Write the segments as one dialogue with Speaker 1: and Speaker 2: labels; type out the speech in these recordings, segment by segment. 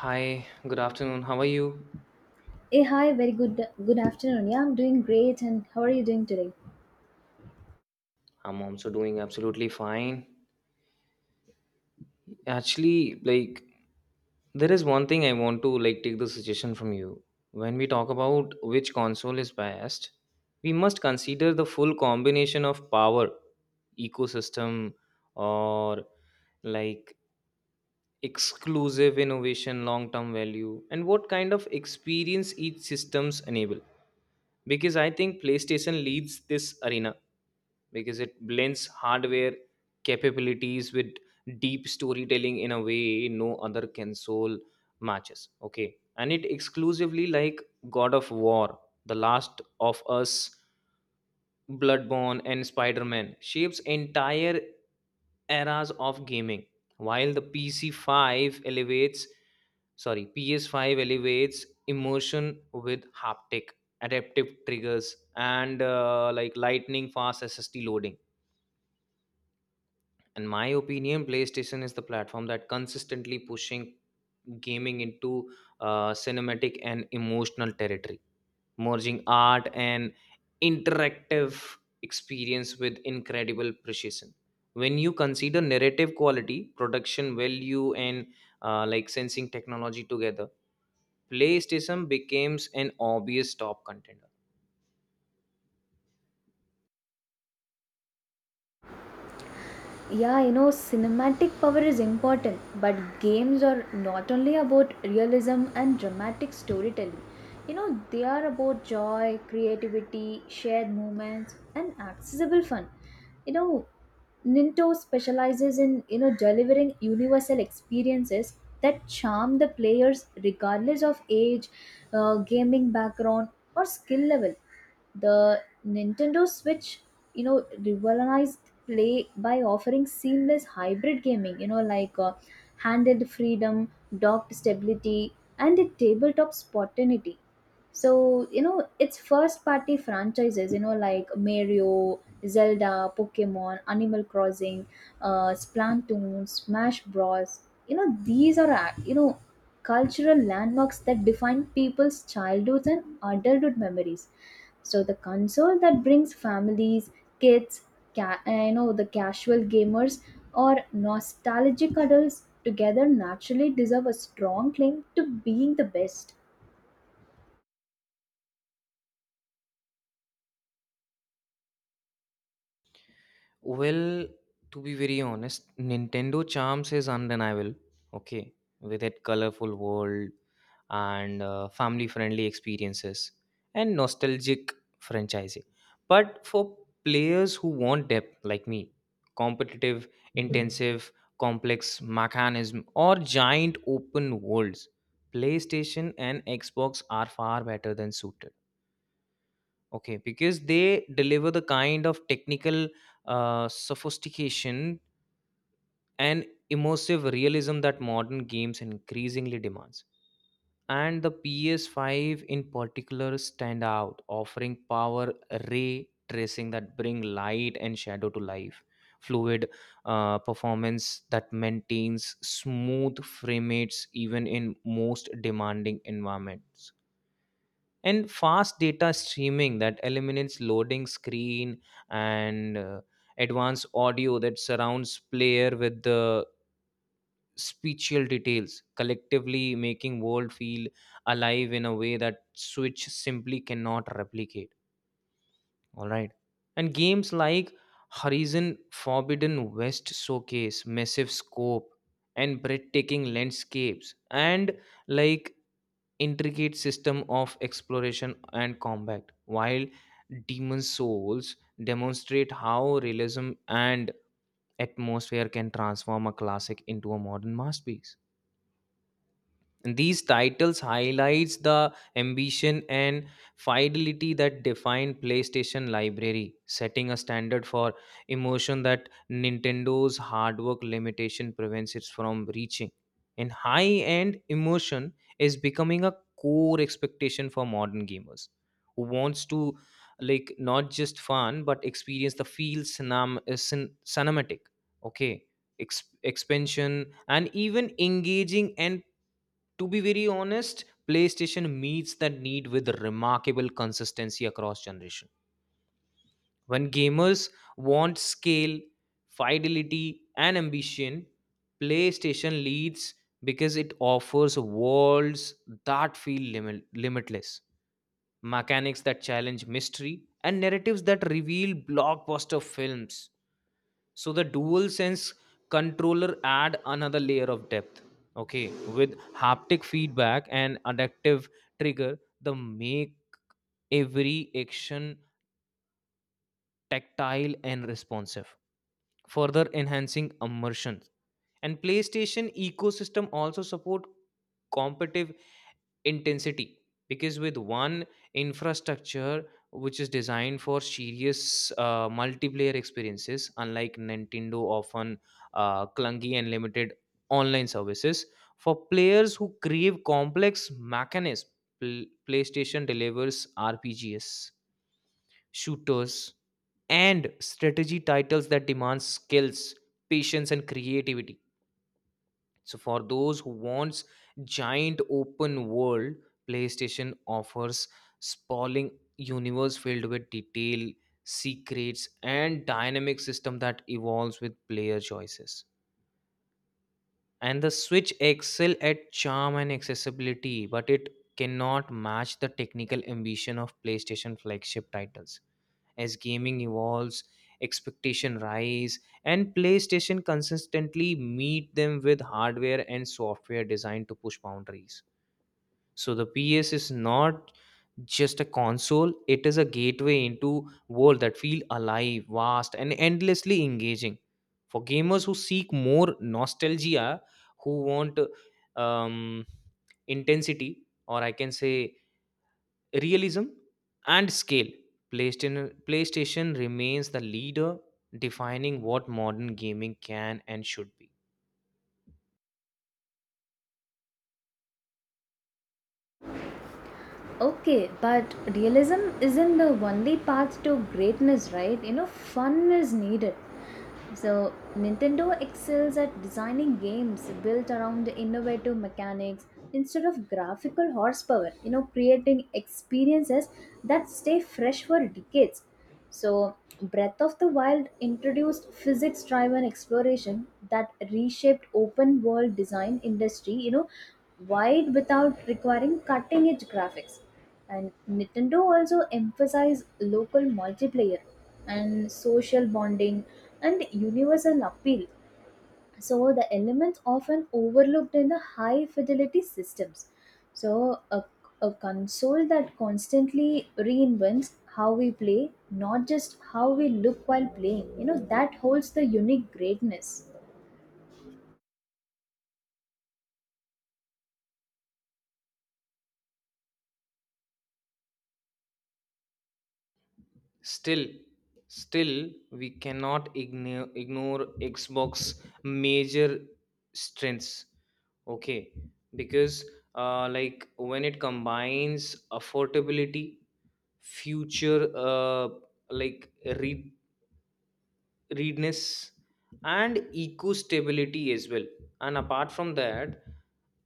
Speaker 1: Hi, good afternoon. How are you?
Speaker 2: Hey, hi, very good good afternoon. Yeah, I'm doing great and how are you doing today?
Speaker 1: I'm also doing absolutely fine. Actually, like there is one thing I want to take the suggestion from you. When we talk about which console is best, we must consider the full combination of power, ecosystem or like exclusive innovation, long-term value and what kind of experience each systems enable. Because I think PlayStation leads this arena because it blends hardware capabilities with deep storytelling in a way no other console matches. Okay, and it exclusively, like, God of War, The Last of Us, Bloodborne and Spider-Man shapes entire eras of gaming, while the pc5 elevates sorry ps5 elevates emotion with haptic adaptive triggers and like lightning fast SSD loading. In my opinion, playstation is the platform that consistently pushing gaming into cinematic and emotional territory, merging art and interactive experience with incredible precision. When you consider narrative quality, production value and like sensing technology together, playstation becomes an obvious top contender.
Speaker 2: Yeah, you know, cinematic power is important, but games are not only about realism and dramatic storytelling. You know, they are about joy, creativity, shared moments, and accessible fun. You know, Nintendo specializes in, you know, delivering universal experiences that charm the players regardless of age, gaming background, or skill level. The Nintendo Switch, you know, revolutionized play by offering seamless hybrid gaming, you know, like handheld freedom, docked stability, and a tabletop spontaneity. So, you know, it's first party franchises, you know, like Mario, Zelda, Pokemon, Animal Crossing, Splatoon, Smash Bros. You know, these are, you know, cultural landmarks that define people's childhoods and adulthood memories. So, the console that brings families, kids, you know, the casual gamers or nostalgic adults together naturally deserve a strong claim to being the best.
Speaker 1: Well, to be very honest, Nintendo charms is undeniable. Okay, with its colorful world and family-friendly experiences and nostalgic franchising. But for players who want depth, like me, competitive, intensive, complex mechanism, or giant open worlds, PlayStation and Xbox are far better than suited. Okay, because they deliver the kind of technical sophistication and immersive realism that modern games increasingly demands. And the PS5 in particular stand out, offering power, ray tracing that bring light and shadow to life, fluid performance that maintains smooth frame rates even in most demanding environments, and fast data streaming that eliminates loading screen, and advanced audio that surrounds player with the spatial details, collectively making world feel alive in a way that switch simply cannot replicate. All right, and games like Horizon Forbidden West showcase massive scope and breathtaking landscapes and, like, intricate system of exploration and combat, while Demon Souls demonstrate how realism and atmosphere can transform a classic into a modern masterpiece. And these titles highlights the ambition and fidelity that define PlayStation library, setting a standard for emotion that Nintendo's hard work limitation prevents it from reaching. And high-end emotion is becoming a core expectation for modern gamers who wants to, like, not just fun but experience the feel cinema, cinematic. Okay, expansion and even engaging. And to be very honest, playstation meets that need with remarkable consistency across generation. When gamers want scale, fidelity and ambition, playstation leads, because it offers worlds that feel limitless, mechanics that challenge mystery, and narratives that reveal blockbuster films. So the dual sense controller add another layer of depth. Okay, with haptic feedback and adaptive trigger, the make every action tactile and responsive, further enhancing immersion. And PlayStation ecosystem also support competitive intensity, because with one infrastructure which is designed for serious multiplayer experiences, unlike nintendo often clunky and limited online services. For players who crave complex mechanisms, playstation delivers rpgs, shooters and strategy titles that demand skills, patience and creativity. So for those who wants giant open world, PlayStation offers sprawling universe filled with detail, secrets, and dynamic system that evolves with player choices. And the switch excel at charm and accessibility, but it cannot match the technical ambition of playstation flagship titles. As gaming evolves, expectation rise, and playstation consistently meet them with hardware and software designed to push boundaries. So the ps is not just a console, it is a gateway into world that feel alive, vast and endlessly engaging. For gamers who seek more nostalgia, who want um, intensity, or I can say realism and scale, playstation remains the leader, defining what modern gaming can and should be.
Speaker 2: Okay, but realism isn't the only path to greatness, right? You know, fun is needed. So, Nintendo excels at designing games built around innovative mechanics instead of graphical horsepower, you know, creating experiences that stay fresh for decades. So, Breath of the Wild introduced physics driven exploration that reshaped open world design industry, you know, wide without requiring cutting edge graphics. And Nintendo also emphasized local multiplayer and social bonding and universal appeal. So the elements often overlooked in the high fidelity systems. So a console that constantly reinvents how we play, not just how we look while playing. You know that holds the unique greatness.
Speaker 1: Still still we cannot ignore xbox major strengths. Okay, because like, when it combines affordability, future like read readiness and eco stability as well. And apart from that,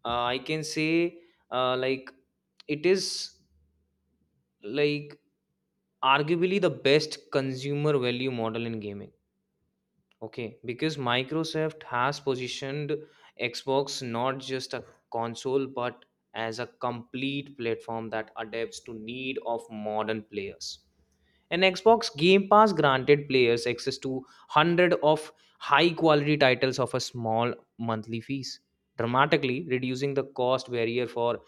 Speaker 1: I can say, like, it is, like, arguably the best consumer value model in gaming. Okay, because microsoft has positioned xbox not just a console but as a complete platform that adapts to need of modern players. And xbox game pass granted players access to 100 of high quality titles of a small monthly fees, dramatically reducing the cost barrier for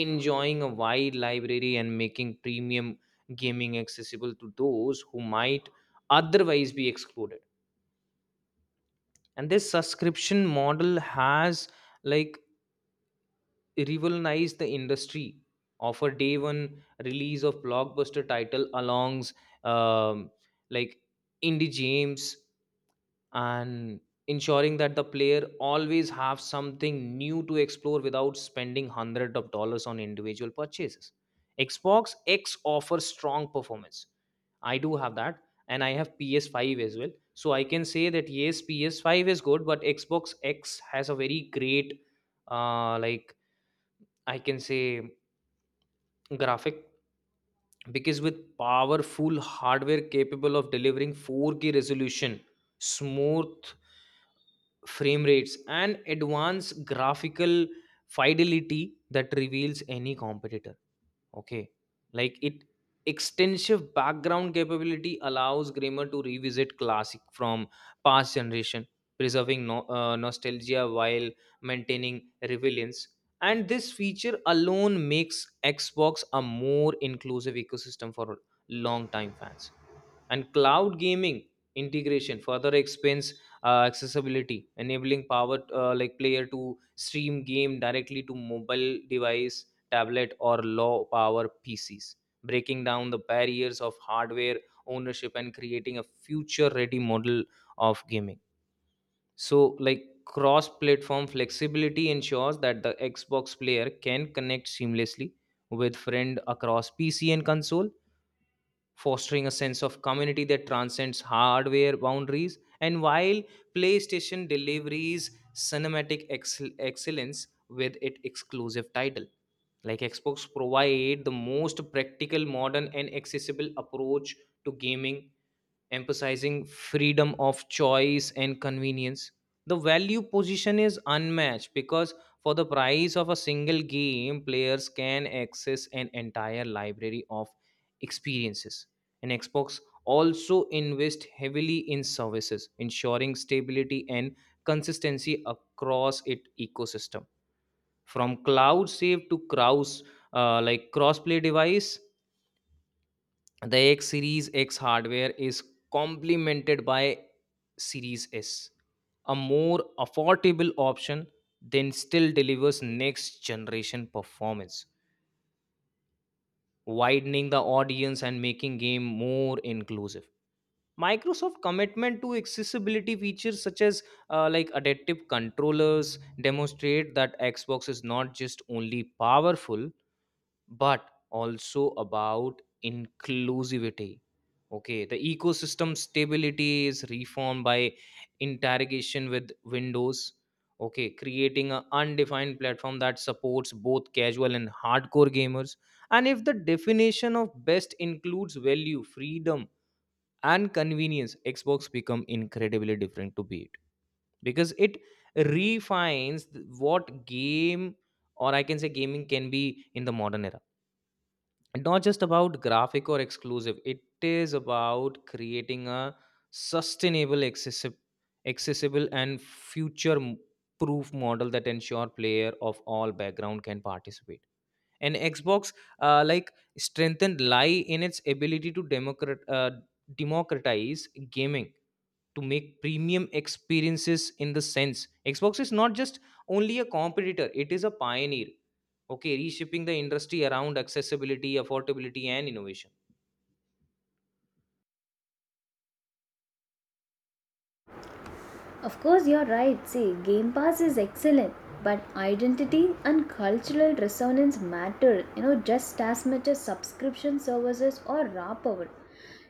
Speaker 1: enjoying a wide library and making premium gaming accessible to those who might otherwise be excluded. And this subscription model has, like, revolutionized the industry, offer day one release of blockbuster title alongs um, like indie games, and ensuring that the player always have something new to explore without spending hundreds of dollars on individual purchases. Xbox x offers strong performance, I do have that, and I have ps5 as well, so I can say that yes, ps5 is good, but xbox x has a very great like, I can say, graphic, because with powerful hardware capable of delivering 4K resolution, smooth frame rates and advanced graphical fidelity that reveals any competitor. Okay. Like, it extensive background capability allows grammar to revisit classic from past generation, preserving no, nostalgia while maintaining relevance. And this feature alone makes Xbox a more inclusive ecosystem for long-time fans. And cloud gaming integration further expands accessibility, enabling power like player to stream game directly to mobile device, tablet or low power PCs, breaking down the barriers of hardware ownership and creating a future ready model of gaming. So, like, cross platform flexibility ensures that the Xbox player can connect seamlessly with friend across PC and console, fostering a sense of community that transcends hardware boundaries. And while PlayStation delivers cinematic excellence with its exclusive title, like Xbox provide the most practical, modern, and accessible approach to gaming, emphasizing freedom of choice and convenience. The value position is unmatched because for the price of a single game, players can access an entire library of experiences. And Xbox also invest heavily in services, ensuring stability and consistency across its ecosystem from cloud save to cross like crossplay device. The x series x hardware is complemented by series s, a more affordable option then still delivers next generation performance, widening the audience and making game more inclusive. Microsoft commitment to accessibility features such as like adaptive controllers demonstrate that xbox is not just only powerful but also about inclusivity. Okay, the ecosystem stability is reformed by interrogation with windows. Okay, creating an undefined platform that supports both casual and hardcore gamers. And if the definition of best includes value, freedom and convenience, xbox become incredibly different to beat, because it refines what game, or I can say gaming can be in the modern era. Not just about graphic or exclusive, it is about creating a sustainable, accessible and future proof model that ensure player of all background can participate. And xbox like strengthened lie in its ability to democratize gaming, to make premium experiences. In the sense, xbox is not just only a competitor, it is a pioneer. Okay, reshaping the industry around accessibility, affordability and innovation.
Speaker 2: Of course, you're right. See, Game Pass is excellent, but identity and cultural resonance matter, you know, just as much as subscription services or raw power.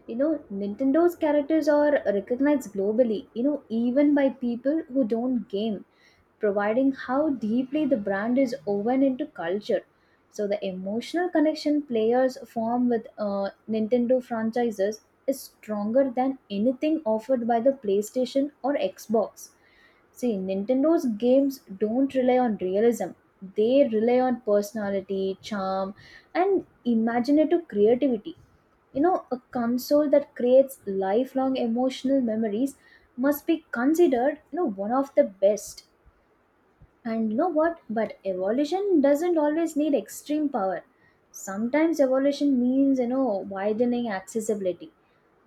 Speaker 2: You know, Nintendo's characters are recognized globally, you know, even by people who don't game, providing how deeply the brand is woven into culture. So, the emotional connection players form with Nintendo franchises is stronger than anything offered by the PlayStation or Xbox. See, Nintendo's games don't rely on realism. They rely on personality, charm, and imaginative creativity. You know, a console that creates lifelong emotional memories must be considered, you know, one of the best. And you know what? But evolution doesn't always need extreme power. Sometimes evolution means, you know, widening accessibility.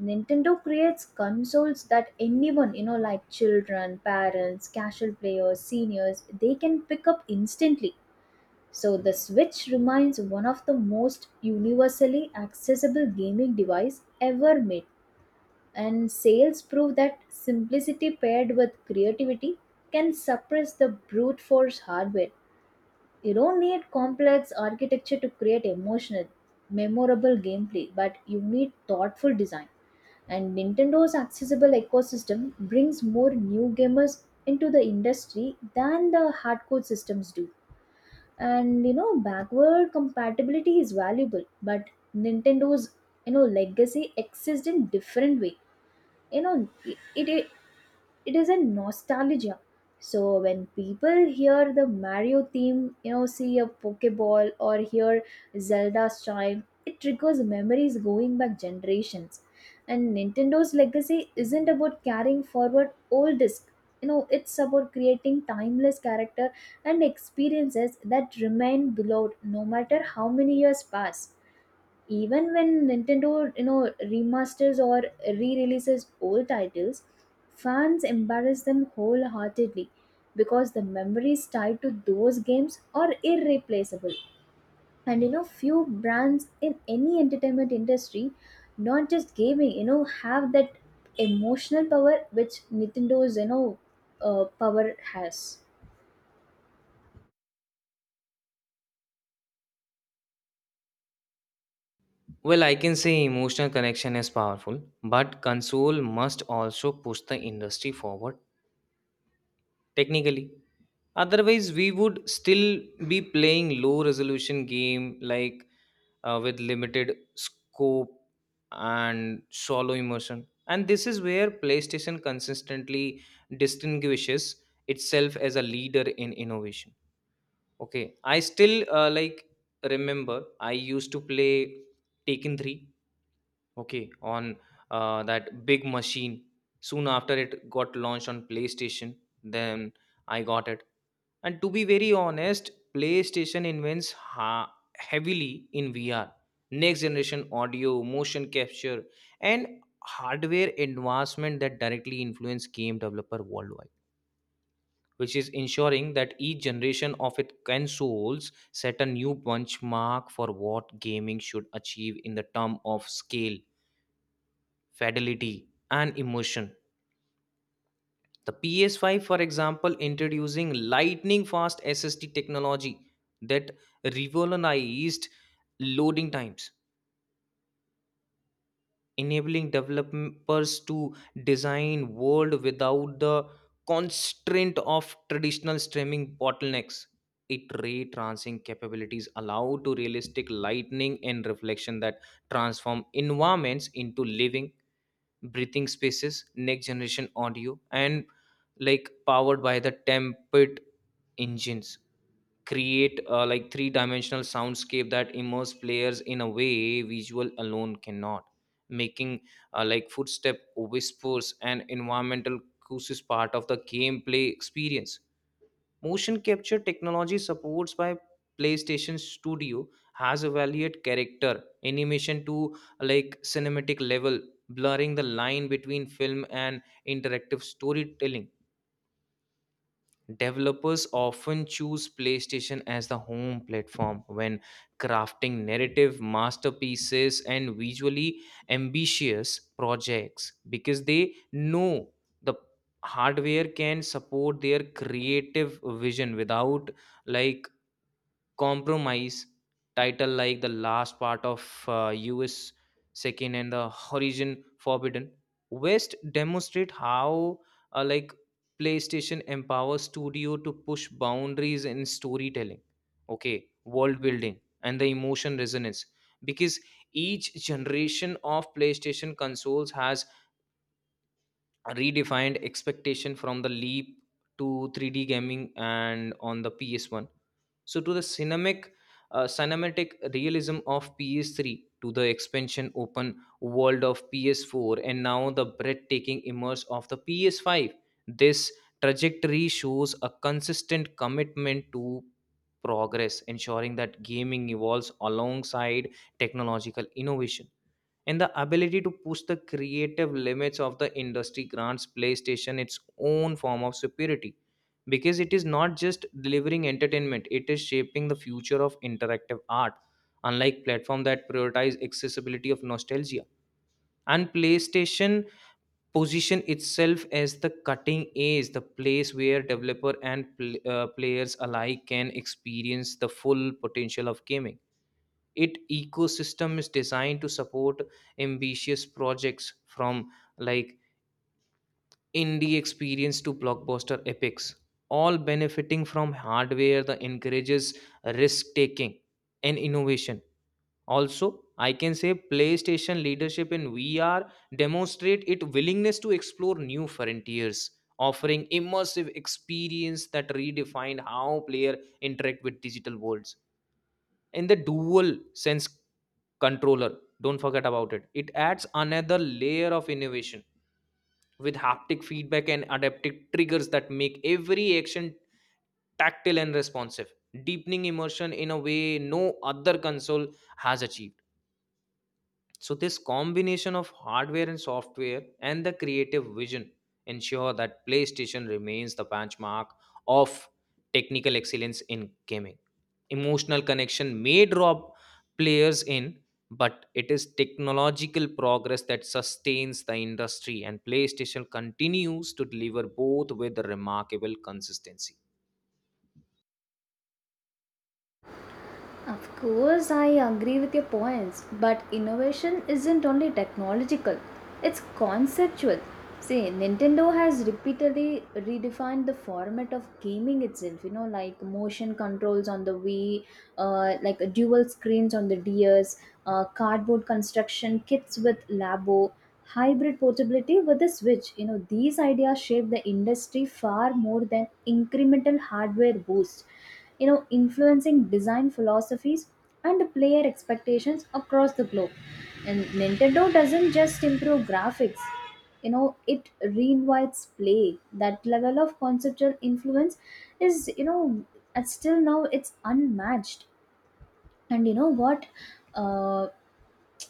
Speaker 2: Nintendo creates consoles that anyone, you know, like children, parents, casual players, seniors, they can pick up instantly. So the Switch remains one of the most universally accessible gaming device ever made. And sales prove that simplicity paired with creativity can suppress the brute force hardware. You don't need complex architecture to create emotional, memorable gameplay, but you need thoughtful design. And Nintendo's accessible ecosystem brings more new gamers into the industry than the hardcore systems do. And you know, backward compatibility is valuable, but Nintendo's, you know, legacy exists in different way. You know, it it is a nostalgia. So when people hear the Mario theme, you know, see a pokeball or hear Zelda's chime, it triggers memories going back generations. And Nintendo's legacy isn't about carrying forward old disc, you know, it's about creating timeless character and experiences that remain beloved no matter how many years pass. Even when Nintendo, you know, remasters or re-releases old titles, fans embrace them wholeheartedly because the memories tied to those games are irreplaceable. And you know, few brands in any entertainment industry, not just gaming, you know, have that emotional power which Nintendo's, power has.
Speaker 1: Well, I can say emotional connection is powerful, but console must also push the industry forward technically, otherwise we would still be playing low resolution game like, with limited scope and shallow immersion. And this is where playstation consistently distinguishes itself as a leader in innovation. Okay, I still, like, remember I used to play taken 3, okay, on that big machine, soon after it got launched on playstation, then I got it. And to be very honest, PlayStation heavily in VR, next generation audio, motion capture, and hardware advancement that directly influence game developer worldwide, which is ensuring that each generation of its consoles set a new benchmark for what gaming should achieve in the term of scale, fidelity, and emotion. The PS5, for example, introducing lightning fast SSD technology that revolutionized loading times, enabling developers to design world without the constraint of traditional streaming bottlenecks. It ray tracing capabilities allow to realistic lightning and reflection that transform environments into living, breathing spaces. Next generation audio and, like, powered by the tempered engines create like three dimensional soundscape that immerse players in a way visual alone cannot, making like footstep, whispers and environmental cues part of the gameplay experience. Motion capture technology supports by PlayStation Studio has evaluated character animation to, like, cinematic level, blurring the line between film and interactive storytelling. Developers often choose PlayStation as the home platform when crafting narrative masterpieces and visually ambitious projects because they know the hardware can support their creative vision without, like, compromise. Title like the last part of us second and the Horizon Forbidden West demonstrate how like playstation empowers studio to push boundaries in storytelling. Okay, world building and the emotion resonance, because each generation of playstation consoles has redefined expectation from the leap to 3D gaming and on the PS1. So to the cinematic realism of PS3, to the expansion open world of PS4, and now the breathtaking immerse of the PS5. This trajectory shows a consistent commitment to progress, ensuring that gaming evolves alongside technological innovation, and the ability to push the creative limits of the industry grants PlayStation its own form of superiority, because it is not just delivering entertainment, it is shaping the future of interactive art, unlike platform that prioritize accessibility of nostalgia. And PlayStation position itself as the cutting edge, the place where developer and players alike can experience the full potential of gaming. It ecosystem is designed to support ambitious projects from like indie experience to blockbuster epics, all benefiting from hardware that encourages risk taking and innovation. Also, I can say PlayStation leadership in VR demonstrate its willingness to explore new frontiers, offering immersive experience that redefine how player interact with digital worlds. In the dual sense controller, don't forget about it, it adds another layer of innovation with haptic feedback and adaptive triggers that make every action tactile and responsive, deepening immersion in a way no other console has achieved. So this combination of hardware and software and the creative vision ensure that PlayStation remains the benchmark of technical excellence in gaming. Emotional connection may draw players in, but it is technological progress that sustains the industry, and PlayStation continues to deliver both with remarkable consistency.
Speaker 2: Of course, I agree with your points, but innovation isn't only technological, it's conceptual. See, Nintendo has repeatedly redefined the format of gaming itself, you know, like motion controls on the Wii, like dual screens on the DS, cardboard construction kits with Labo, hybrid portability with the Switch. You know, these ideas shape the industry far more than incremental hardware boosts, you know, influencing design philosophies and player expectations across the globe. And Nintendo doesn't just improve graphics, you know, it reinvites play. That level of conceptual influence is, you know, and still now it's unmatched. And you know what, uh,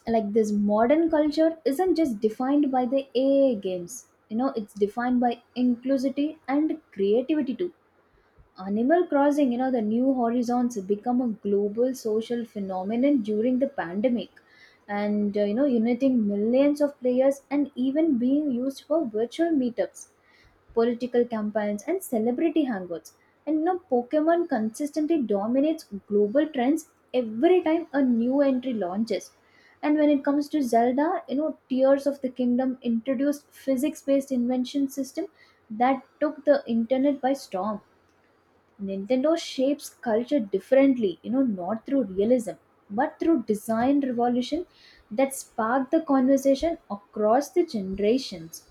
Speaker 2: like this modern culture isn't just defined by the AA games. You know, it's defined by inclusivity and creativity too. Animal Crossing, you know, the New Horizons become a global social phenomenon during the pandemic and, you know, uniting millions of players and even being used for virtual meetups, political campaigns, and celebrity hangouts. And, you know, Pokemon consistently dominates global trends every time a new entry launches. And when it comes to Zelda, you know, Tears of the Kingdom introduced physics based invention system that took the internet by storm. Nintendo shapes culture differently, you know, not through realism, but through design revolution that sparked the conversation across the generations.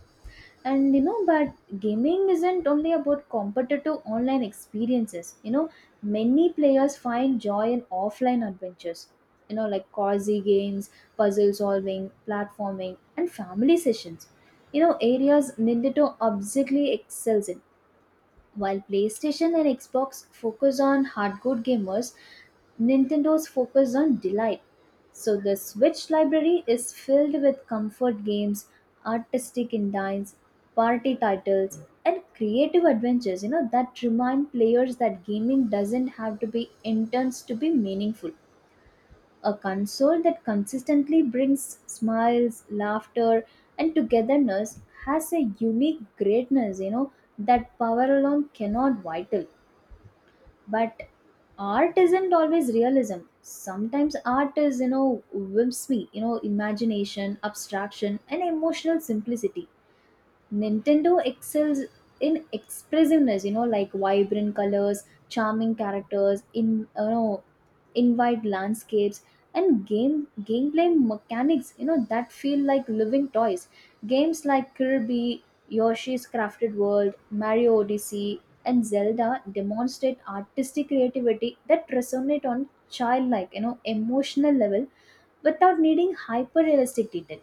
Speaker 2: And you know, but gaming isn't only about competitive online experiences. You know, many players find joy in offline adventures. You know, like cozy games, puzzle solving, platforming, and family sessions. You know, areas Nintendo obviously excels in. While PlayStation and Xbox focus on hardcore gamers, Nintendo's focus on delight. So the Switch library is filled with comfort games, artistic indies, party titles, and creative adventures, you know, that remind players that gaming doesn't have to be intense to be meaningful. A console that consistently brings smiles, laughter, and togetherness has a unique greatness, you know, that power alone cannot vital. But art isn't always realism. Sometimes art is, you know, whimsy, you know, imagination, abstraction, and emotional simplicity. Nintendo excels in expressiveness, you know, like vibrant colors, charming characters, in you know, invite landscapes and gameplay mechanics, you know, that feel like living toys. Games like Kirby, Yoshi's Crafted World, Mario Odyssey, and Zelda demonstrate artistic creativity that resonate on childlike, you know, emotional level without needing hyper realistic detail.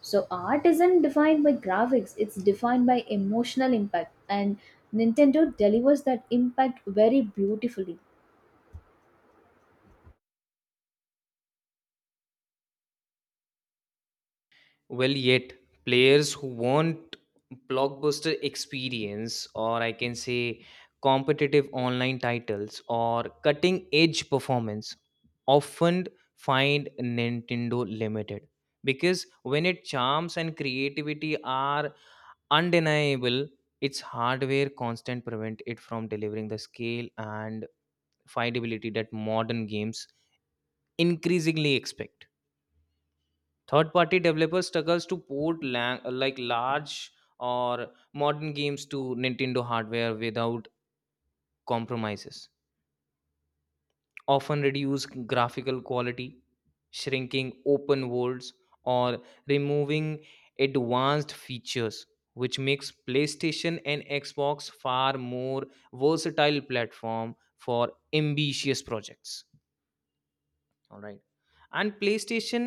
Speaker 2: So art isn't defined by graphics, it's defined by emotional impact, and Nintendo delivers that impact very beautifully.
Speaker 1: Well, yet players who want blockbuster experience, or I can say competitive online titles or cutting edge performance, often find Nintendo limited, because when its charms and creativity are undeniable, its hardware constant prevent it from delivering the scale and findability that modern games increasingly expect. Third party developer struggles to port large or modern games to Nintendo hardware without compromises, often reduce graphical quality, shrinking open worlds, or removing advanced features, which makes PlayStation and Xbox far more versatile platform for ambitious projects. All right, and PlayStation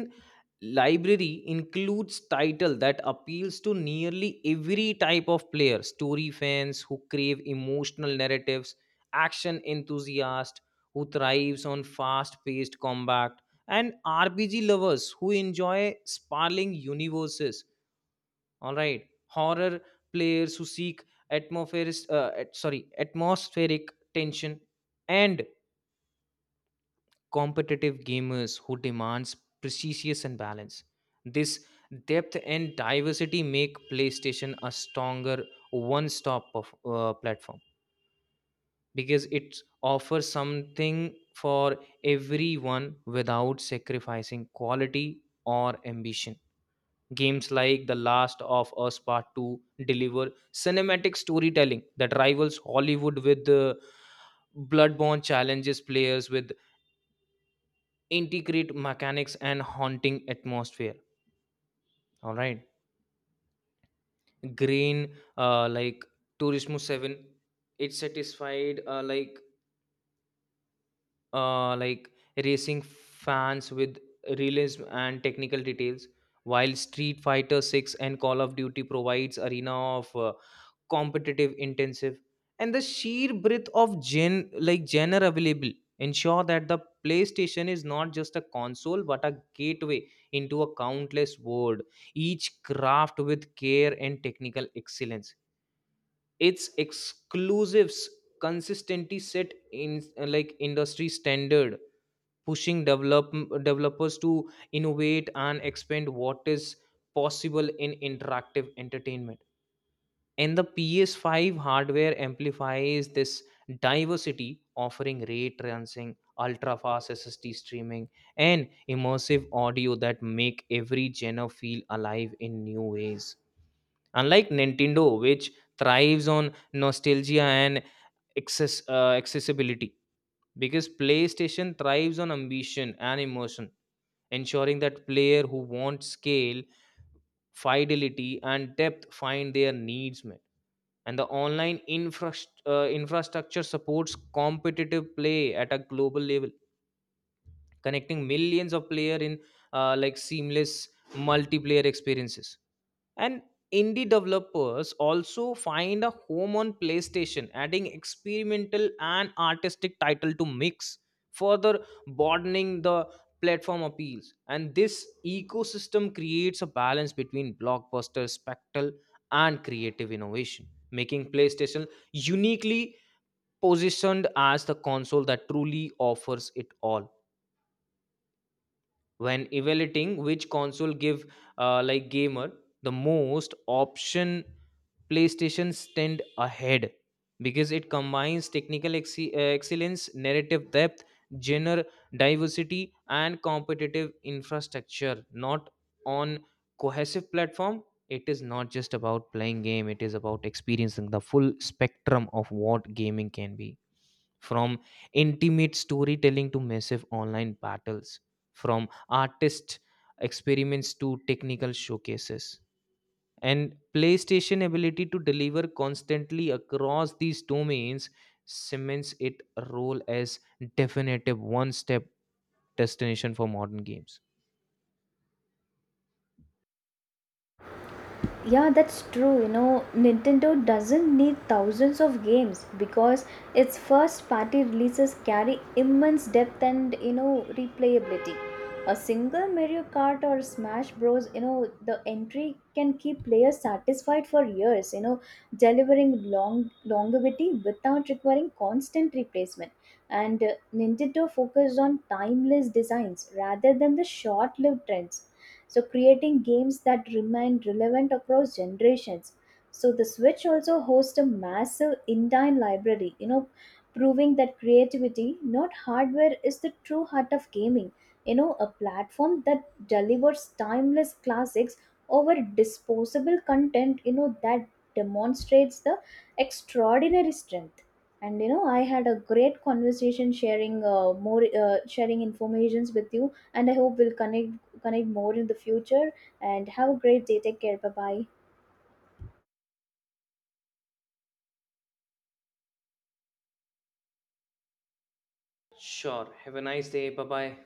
Speaker 1: library includes title that appeals to nearly every type of player: story fans who crave emotional narratives, action enthusiasts who thrives on fast paced combat, and RPG lovers who enjoy sprawling universes, all right, horror players who seek atmospheric at- sorry atmospheric tension, and competitive gamers who demands precision and balance. This depth and diversity make PlayStation a stronger platform, because it offers something for everyone without sacrificing quality or ambition. Games like The Last of Us Part 2 deliver cinematic storytelling that rivals Hollywood, with the Bloodborne challenges players with integrate mechanics and haunting atmosphere. All right, green uh, like Turismo 7, it satisfied uh, like racing fans with realism and technical details, while Street Fighter 6 and Call of Duty provides arena of competitive intensive. And the sheer breadth of genre available ensure that the PlayStation is not just a console but a gateway into a countless world, each craft with care and technical excellence. Its exclusives consistently set in industry standard, pushing developers to innovate and expand what is possible in interactive entertainment. And the PS5 hardware amplifies this diversity, offering ray tracing, ultra fast SSD streaming, and immersive audio that make every genre feel alive in new ways. Unlike Nintendo, which thrives on nostalgia and accessibility, because PlayStation thrives on ambition and emotion, ensuring that player who want scale, fidelity, and depth find their needs met. And the online infrastructure supports competitive play at a global level, connecting millions of players in seamless multiplayer experiences. And indie developers also find a home on PlayStation, adding experimental and artistic title to mix, further broadening the platform appeals. And this ecosystem creates a balance between blockbuster spectacle and creative innovation, making PlayStation uniquely positioned as the console that truly offers it all. When evaluating which console give gamer the most option, PlayStation stand ahead because it combines excellence, narrative depth, genre diversity, and competitive infrastructure, not on cohesive platform. It is not just about playing game, it is about experiencing the full spectrum of what gaming can be, from intimate storytelling to massive online battles, from artist experiments to technical showcases. And PlayStation ability to deliver constantly across these domains cements it a role as definitive one-step destination for modern games.
Speaker 2: Yeah, that's true. You know, Nintendo doesn't need thousands of games because its first party releases carry immense depth and, you know, replayability. A single Mario Kart or Smash Bros, you know, the entry can keep players satisfied for years, you know, delivering long longevity without requiring constant replacement. And Nintendo focused on timeless designs rather than the short-lived trends, so creating games that remain relevant across generations. So the Switch also hosts a massive in-dine library, you know, proving that creativity not hardware is the true heart of gaming. You know, a platform that delivers timeless classics over disposable content, you know, that demonstrates the extraordinary strength. And you know, I had a great conversation sharing informations with you, and I hope we'll connect more in the future. And have a great day, take care, bye bye.
Speaker 1: Sure. Have a nice day. Bye-bye.